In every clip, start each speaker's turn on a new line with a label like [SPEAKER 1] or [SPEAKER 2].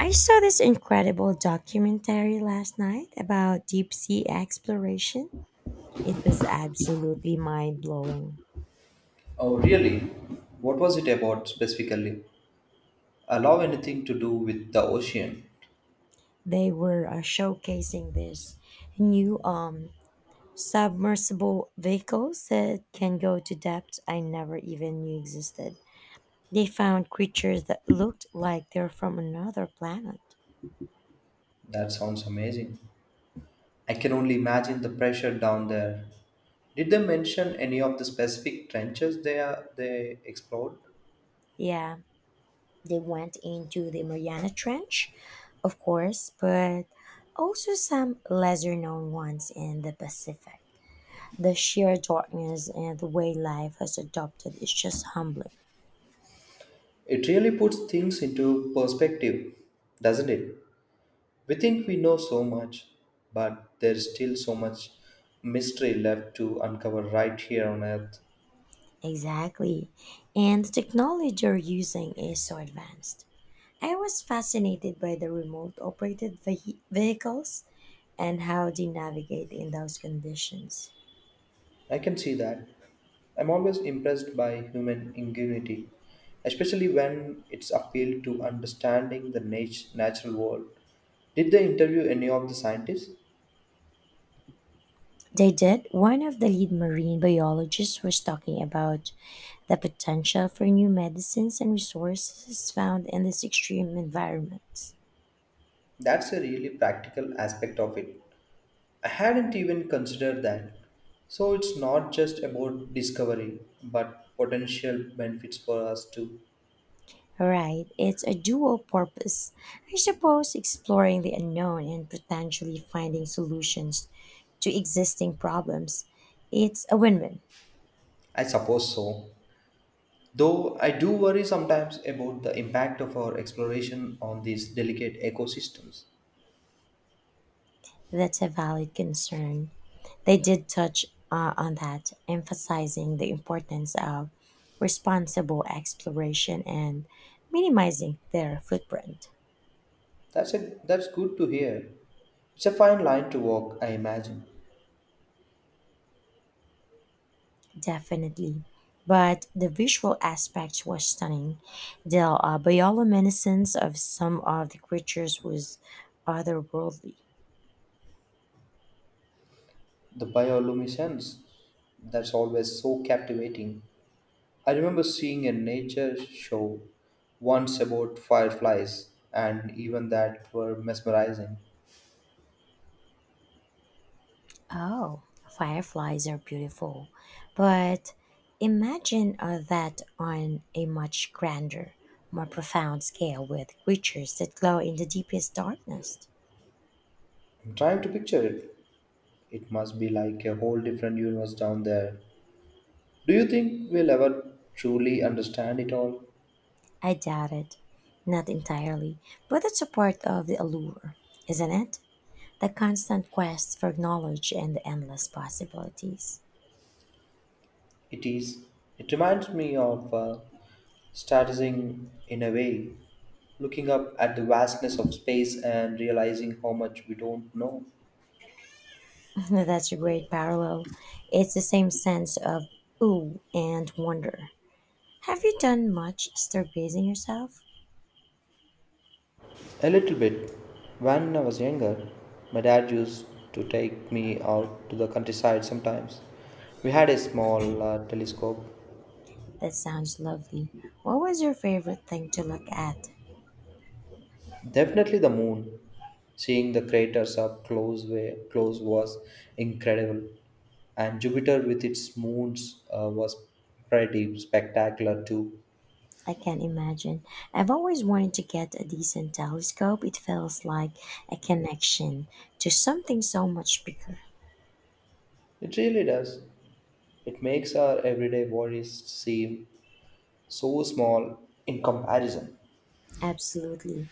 [SPEAKER 1] I saw this incredible documentary last night about deep sea exploration. It was absolutely mind blowing.
[SPEAKER 2] Oh, really? What was it about specifically? I love anything to do with the ocean.
[SPEAKER 1] They were showcasing this new submersible vehicles that can go to depths I never even knew existed. They found creatures that looked like they're from another planet.
[SPEAKER 2] That sounds amazing. I can only imagine the pressure down there. Did they mention any of the specific trenches they explored?
[SPEAKER 1] Yeah, they went into the Mariana Trench, of course, but also some lesser known ones in the Pacific. The sheer darkness and the way life has adopted is just humbling.
[SPEAKER 2] It really puts things into perspective, doesn't it? We think we know so much, but there's still so much mystery left to uncover right here on Earth.
[SPEAKER 1] Exactly. And the technology they're using is so advanced. I was fascinated by the remote operated vehicles and how they navigate in those conditions.
[SPEAKER 2] I can see that. I'm always impressed by human ingenuity, especially when it's appealed to understanding the natural world. Did they interview any of the scientists?
[SPEAKER 1] They did. One of the lead marine biologists was talking about the potential for new medicines and resources found in these extreme environments.
[SPEAKER 2] That's a really practical aspect of it. I hadn't even considered that. So it's not just about discovery, but potential benefits for us too.
[SPEAKER 1] Right, it's a dual purpose. I suppose exploring the unknown and potentially finding solutions to existing problems. It's a win win.
[SPEAKER 2] I suppose so. Though I do worry sometimes about the impact of our exploration on these delicate ecosystems.
[SPEAKER 1] That's a valid concern. They did touch on that, emphasizing the importance of responsible exploration and minimizing their footprint.
[SPEAKER 2] That's good to hear. It's a fine line to walk, I imagine.
[SPEAKER 1] Definitely. But the visual aspect was stunning. The bioluminescence of some of the creatures was otherworldly.
[SPEAKER 2] The bioluminescence, that's always so captivating. I remember seeing a nature show once about fireflies, and even that were mesmerizing.
[SPEAKER 1] Oh, fireflies are beautiful, but imagine that on a much grander, more profound scale with creatures that glow in the deepest darkness.
[SPEAKER 2] I'm trying to picture it. It must be like a whole different universe down there. Do you think we'll ever truly understand it all?
[SPEAKER 1] I doubt it. Not entirely, but it's a part of the allure, isn't it? The constant quest for knowledge and the endless possibilities.
[SPEAKER 2] It is. It reminds me of stargazing in a way, looking up at the vastness of space and realizing how much we don't know.
[SPEAKER 1] That's a great parallel. It's the same sense of ooh and wonder. Have you done much stargazing yourself?
[SPEAKER 2] A little bit. When I was younger, my dad used to take me out to the countryside sometimes. We had a small telescope.
[SPEAKER 1] That sounds lovely. What was your favorite thing to look at?
[SPEAKER 2] Definitely the moon. Seeing the craters up close, close was incredible, and Jupiter with its moons was pretty spectacular too.
[SPEAKER 1] I can imagine. I've always wanted to get a decent telescope. It feels like a connection to something so much bigger.
[SPEAKER 2] It really does. It makes our everyday worries seem so small in comparison.
[SPEAKER 1] Absolutely.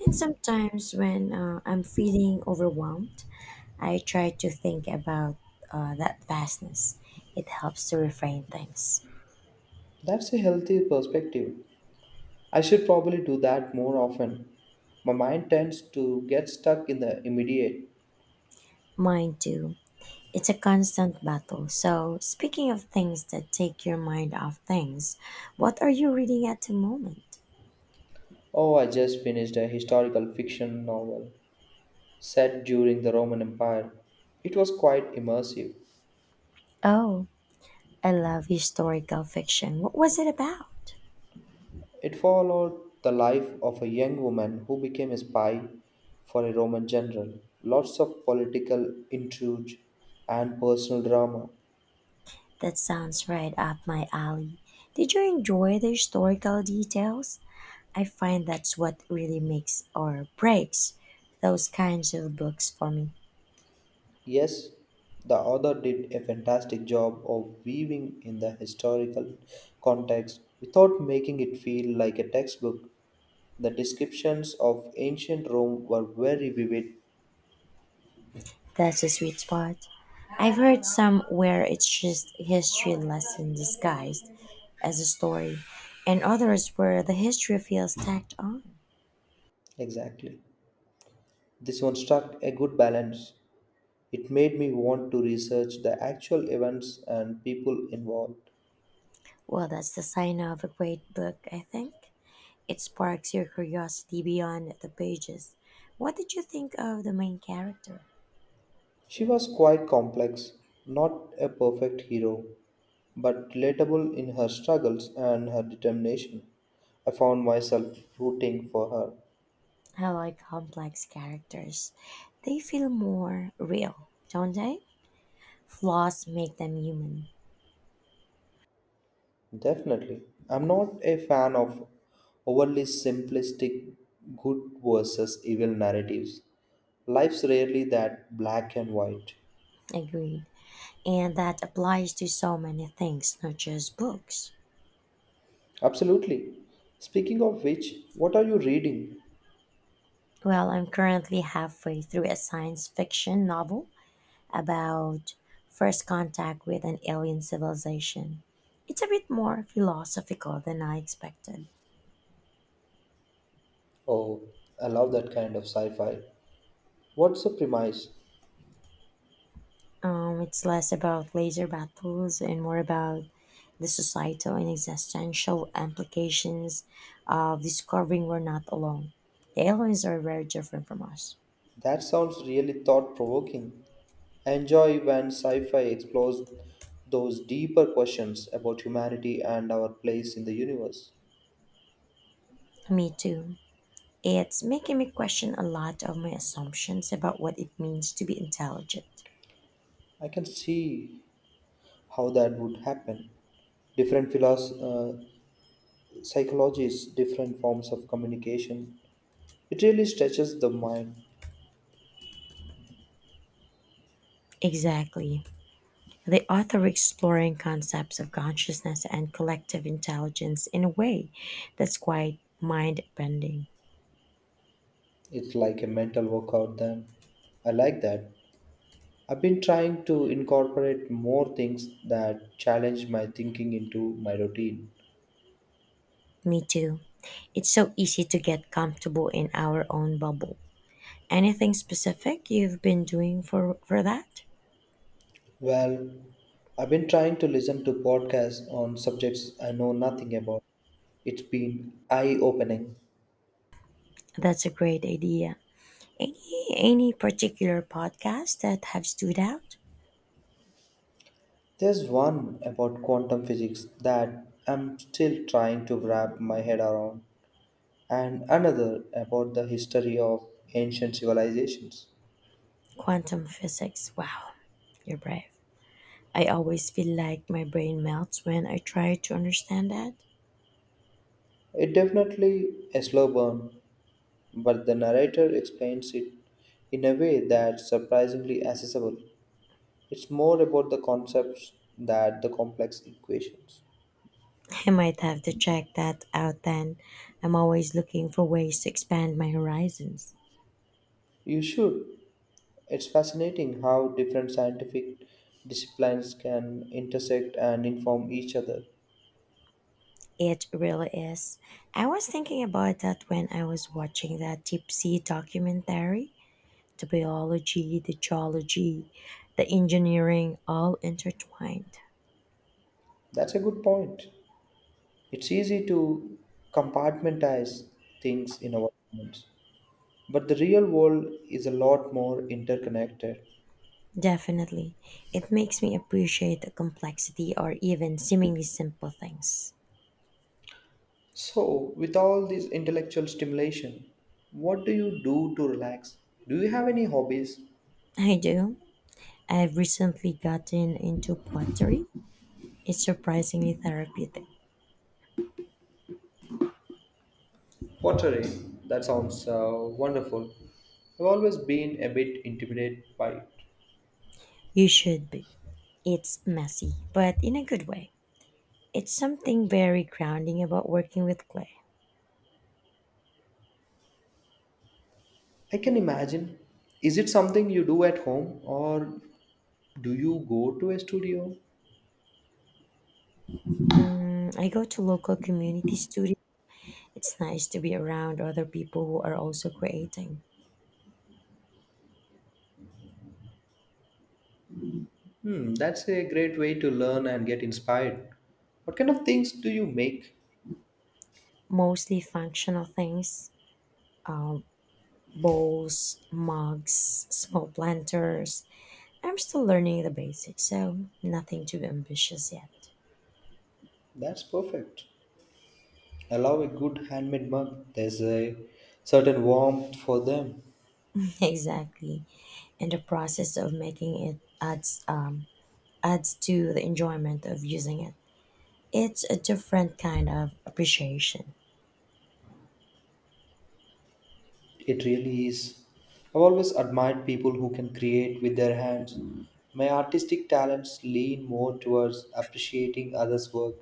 [SPEAKER 1] And sometimes when I'm feeling overwhelmed, I try to think about that vastness. It helps to reframe things.
[SPEAKER 2] That's a healthy perspective. I should probably do that more often. My mind tends to get stuck in the immediate.
[SPEAKER 1] Mine too. It's a constant battle. So, speaking of things that take your mind off things, what are you reading at the moment?
[SPEAKER 2] Oh, I just finished a historical fiction novel set during the Roman Empire. It was quite immersive.
[SPEAKER 1] Oh, I love historical fiction. What was it about?
[SPEAKER 2] It followed the life of a young woman who became a spy for a Roman general. Lots of political intrigue and personal drama.
[SPEAKER 1] That sounds right up my alley. Did you enjoy the historical details? I find that's what really makes or breaks those kinds of books for me.
[SPEAKER 2] Yes, the author did a fantastic job of weaving in the historical context without making it feel like a textbook. The descriptions of ancient Rome were very vivid.
[SPEAKER 1] That's a sweet spot. I've heard somewhere it's just history lesson disguised as a story, and others where the history feels tacked on.
[SPEAKER 2] Exactly. This one struck a good balance. It made me want to research the actual events and people involved.
[SPEAKER 1] Well, that's the sign of a great book, I think. It sparks your curiosity beyond the pages. What did you think of the main character?
[SPEAKER 2] She was quite complex, not a perfect hero, but relatable in her struggles and her determination. I found myself rooting for her.
[SPEAKER 1] I like complex characters. They feel more real, don't they? Flaws make them human.
[SPEAKER 2] Definitely. I'm not a fan of overly simplistic good versus evil narratives. Life's rarely that black and white.
[SPEAKER 1] Agreed. And that applies to so many things, not just books.
[SPEAKER 2] Absolutely. Speaking of which, what are you reading?
[SPEAKER 1] Well, I'm currently halfway through a science fiction novel about first contact with an alien civilization. It's a bit more philosophical than I expected.
[SPEAKER 2] Oh, I love that kind of sci fi. What's the premise?
[SPEAKER 1] It's less about laser battles and more about the societal and existential implications of discovering we're not alone. The aliens are very different from us.
[SPEAKER 2] That sounds really thought provoking. I enjoy when sci fi explores those deeper questions about humanity and our place in the universe.
[SPEAKER 1] Me too. It's making me question a lot of my assumptions about what it means to be intelligent.
[SPEAKER 2] I can see how that would happen. Different psychologies, different forms of communication. It really stretches the mind.
[SPEAKER 1] Exactly. The author exploring concepts of consciousness and collective intelligence in a way that's quite mind bending.
[SPEAKER 2] It's like a mental workout, then. I like that. I've been trying to incorporate more things that challenge my thinking into my routine.
[SPEAKER 1] Me too. It's so easy to get comfortable in our own bubble. Anything specific you've been doing for that?
[SPEAKER 2] Well, I've been trying to listen to podcasts on subjects I know nothing about. It's been eye opening.
[SPEAKER 1] That's a great idea. Any particular podcasts that have stood out?
[SPEAKER 2] There's one about quantum physics that I'm still trying to wrap my head around, and another about the history of ancient civilizations.
[SPEAKER 1] Quantum physics. Wow, you're brave. I always feel like my brain melts when I try to understand that.
[SPEAKER 2] It definitely a slow burn, but the narrator explains it in a way that's surprisingly accessible. It's more about the concepts than the complex equations.
[SPEAKER 1] I might have to check that out then. I'm always looking for ways to expand my horizons.
[SPEAKER 2] You should. It's fascinating how different scientific disciplines can intersect and inform each other.
[SPEAKER 1] It really is. I was thinking about that when I was watching that deep sea documentary. The biology, the geology, the engineering all intertwined.
[SPEAKER 2] That's a good point. It's easy to compartmentalize things in our minds, but the real world is a lot more interconnected.
[SPEAKER 1] Definitely. It makes me appreciate the complexity or even seemingly simple things.
[SPEAKER 2] So, with all this intellectual stimulation, what do you do to relax? Do you have any hobbies?
[SPEAKER 1] I do. I've recently gotten into pottery. It's surprisingly therapeutic.
[SPEAKER 2] Pottery. That sounds wonderful. I've always been a bit intimidated by it.
[SPEAKER 1] You should be. It's messy, but in a good way. It's something very grounding about working with clay.
[SPEAKER 2] I can imagine. Is it something you do at home or do you go to a studio?
[SPEAKER 1] Mm, I go to local community studio. It's nice to be around other people who are also creating
[SPEAKER 2] Hmm, that's a great way to learn and get inspired. What kind of things do you make?
[SPEAKER 1] mostly functional things um, bowls, mugs, small planters. I'm still learning the basics, so nothing too ambitious yet.
[SPEAKER 2] That's perfect. I love a good handmade mug. There's a certain warmth for them.
[SPEAKER 1] Exactly. And the process of making it adds adds to the enjoyment of using it. It's a different kind of appreciation.
[SPEAKER 2] It really is. I've always admired people who can create with their hands. My artistic talents lean more towards appreciating others' work.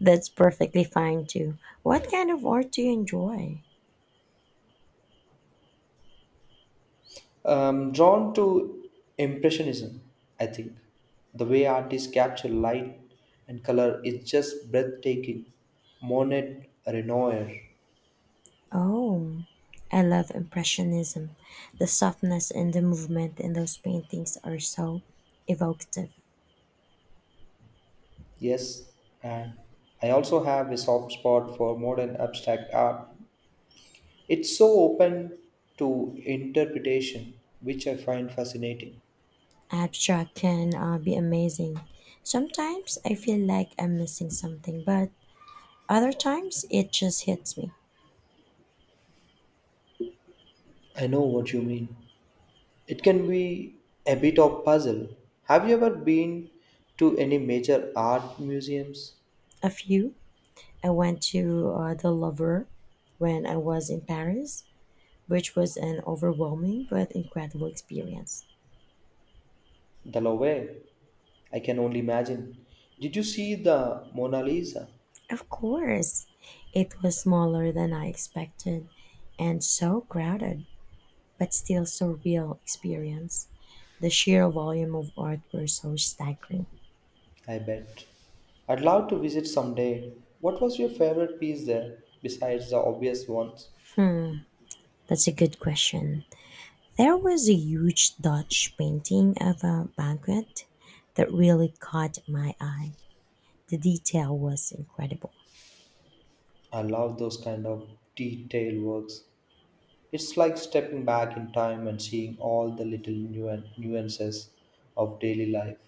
[SPEAKER 1] That's perfectly fine too. What kind of art do you enjoy?
[SPEAKER 2] I'm drawn to Impressionism, I think. The way artists capture light and color is just breathtaking. Monet, Renoir.
[SPEAKER 1] Oh, I love impressionism. The softness and the movement in those paintings are so evocative.
[SPEAKER 2] Yes, and I also have a soft spot for modern abstract art. It's so open to interpretation, which I find fascinating.
[SPEAKER 1] Abstract can be amazing. Sometimes I feel like I'm missing something, but other times it just hits me.
[SPEAKER 2] I know what you mean. It can be a bit of puzzle. Have you ever been to any major art museums?
[SPEAKER 1] A few, I went to The Louvre, when I was in Paris, which was an overwhelming but incredible experience.
[SPEAKER 2] The Louvre? I can only imagine. Did you see the Mona Lisa?
[SPEAKER 1] Of course, it was smaller than I expected and so crowded, but still so real experience. The sheer volume of art were so staggering.
[SPEAKER 2] I bet. I'd love to visit someday. What was your favorite piece there besides the obvious ones?
[SPEAKER 1] Hmm, that's a good question. There was a huge Dutch painting of a banquet that really caught my eye. The detail was incredible.
[SPEAKER 2] I love those kind of detailed works. It's like stepping back in time and seeing all the little nuances of daily life.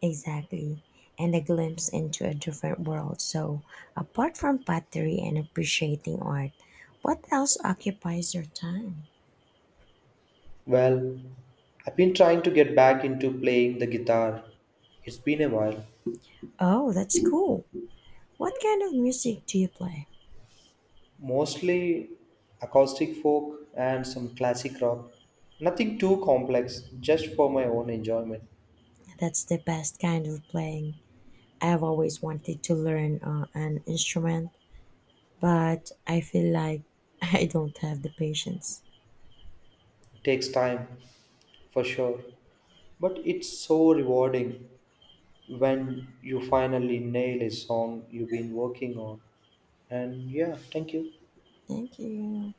[SPEAKER 1] Exactly. And a glimpse into a different world. So, apart from pottery and appreciating art, what else occupies your time?
[SPEAKER 2] Well, I've been trying to get back into playing the guitar. It's been a while.
[SPEAKER 1] Oh, that's cool. What kind of music do you play?
[SPEAKER 2] Mostly acoustic folk and some classic rock. Nothing too complex, just for my own enjoyment.
[SPEAKER 1] That's the best kind of playing. I've always wanted to learn an instrument, but I feel like I don't have the patience.
[SPEAKER 2] It takes time, for sure. But it's so rewarding when you finally nail a song you've been working on. And yeah, thank you.
[SPEAKER 1] Thank you.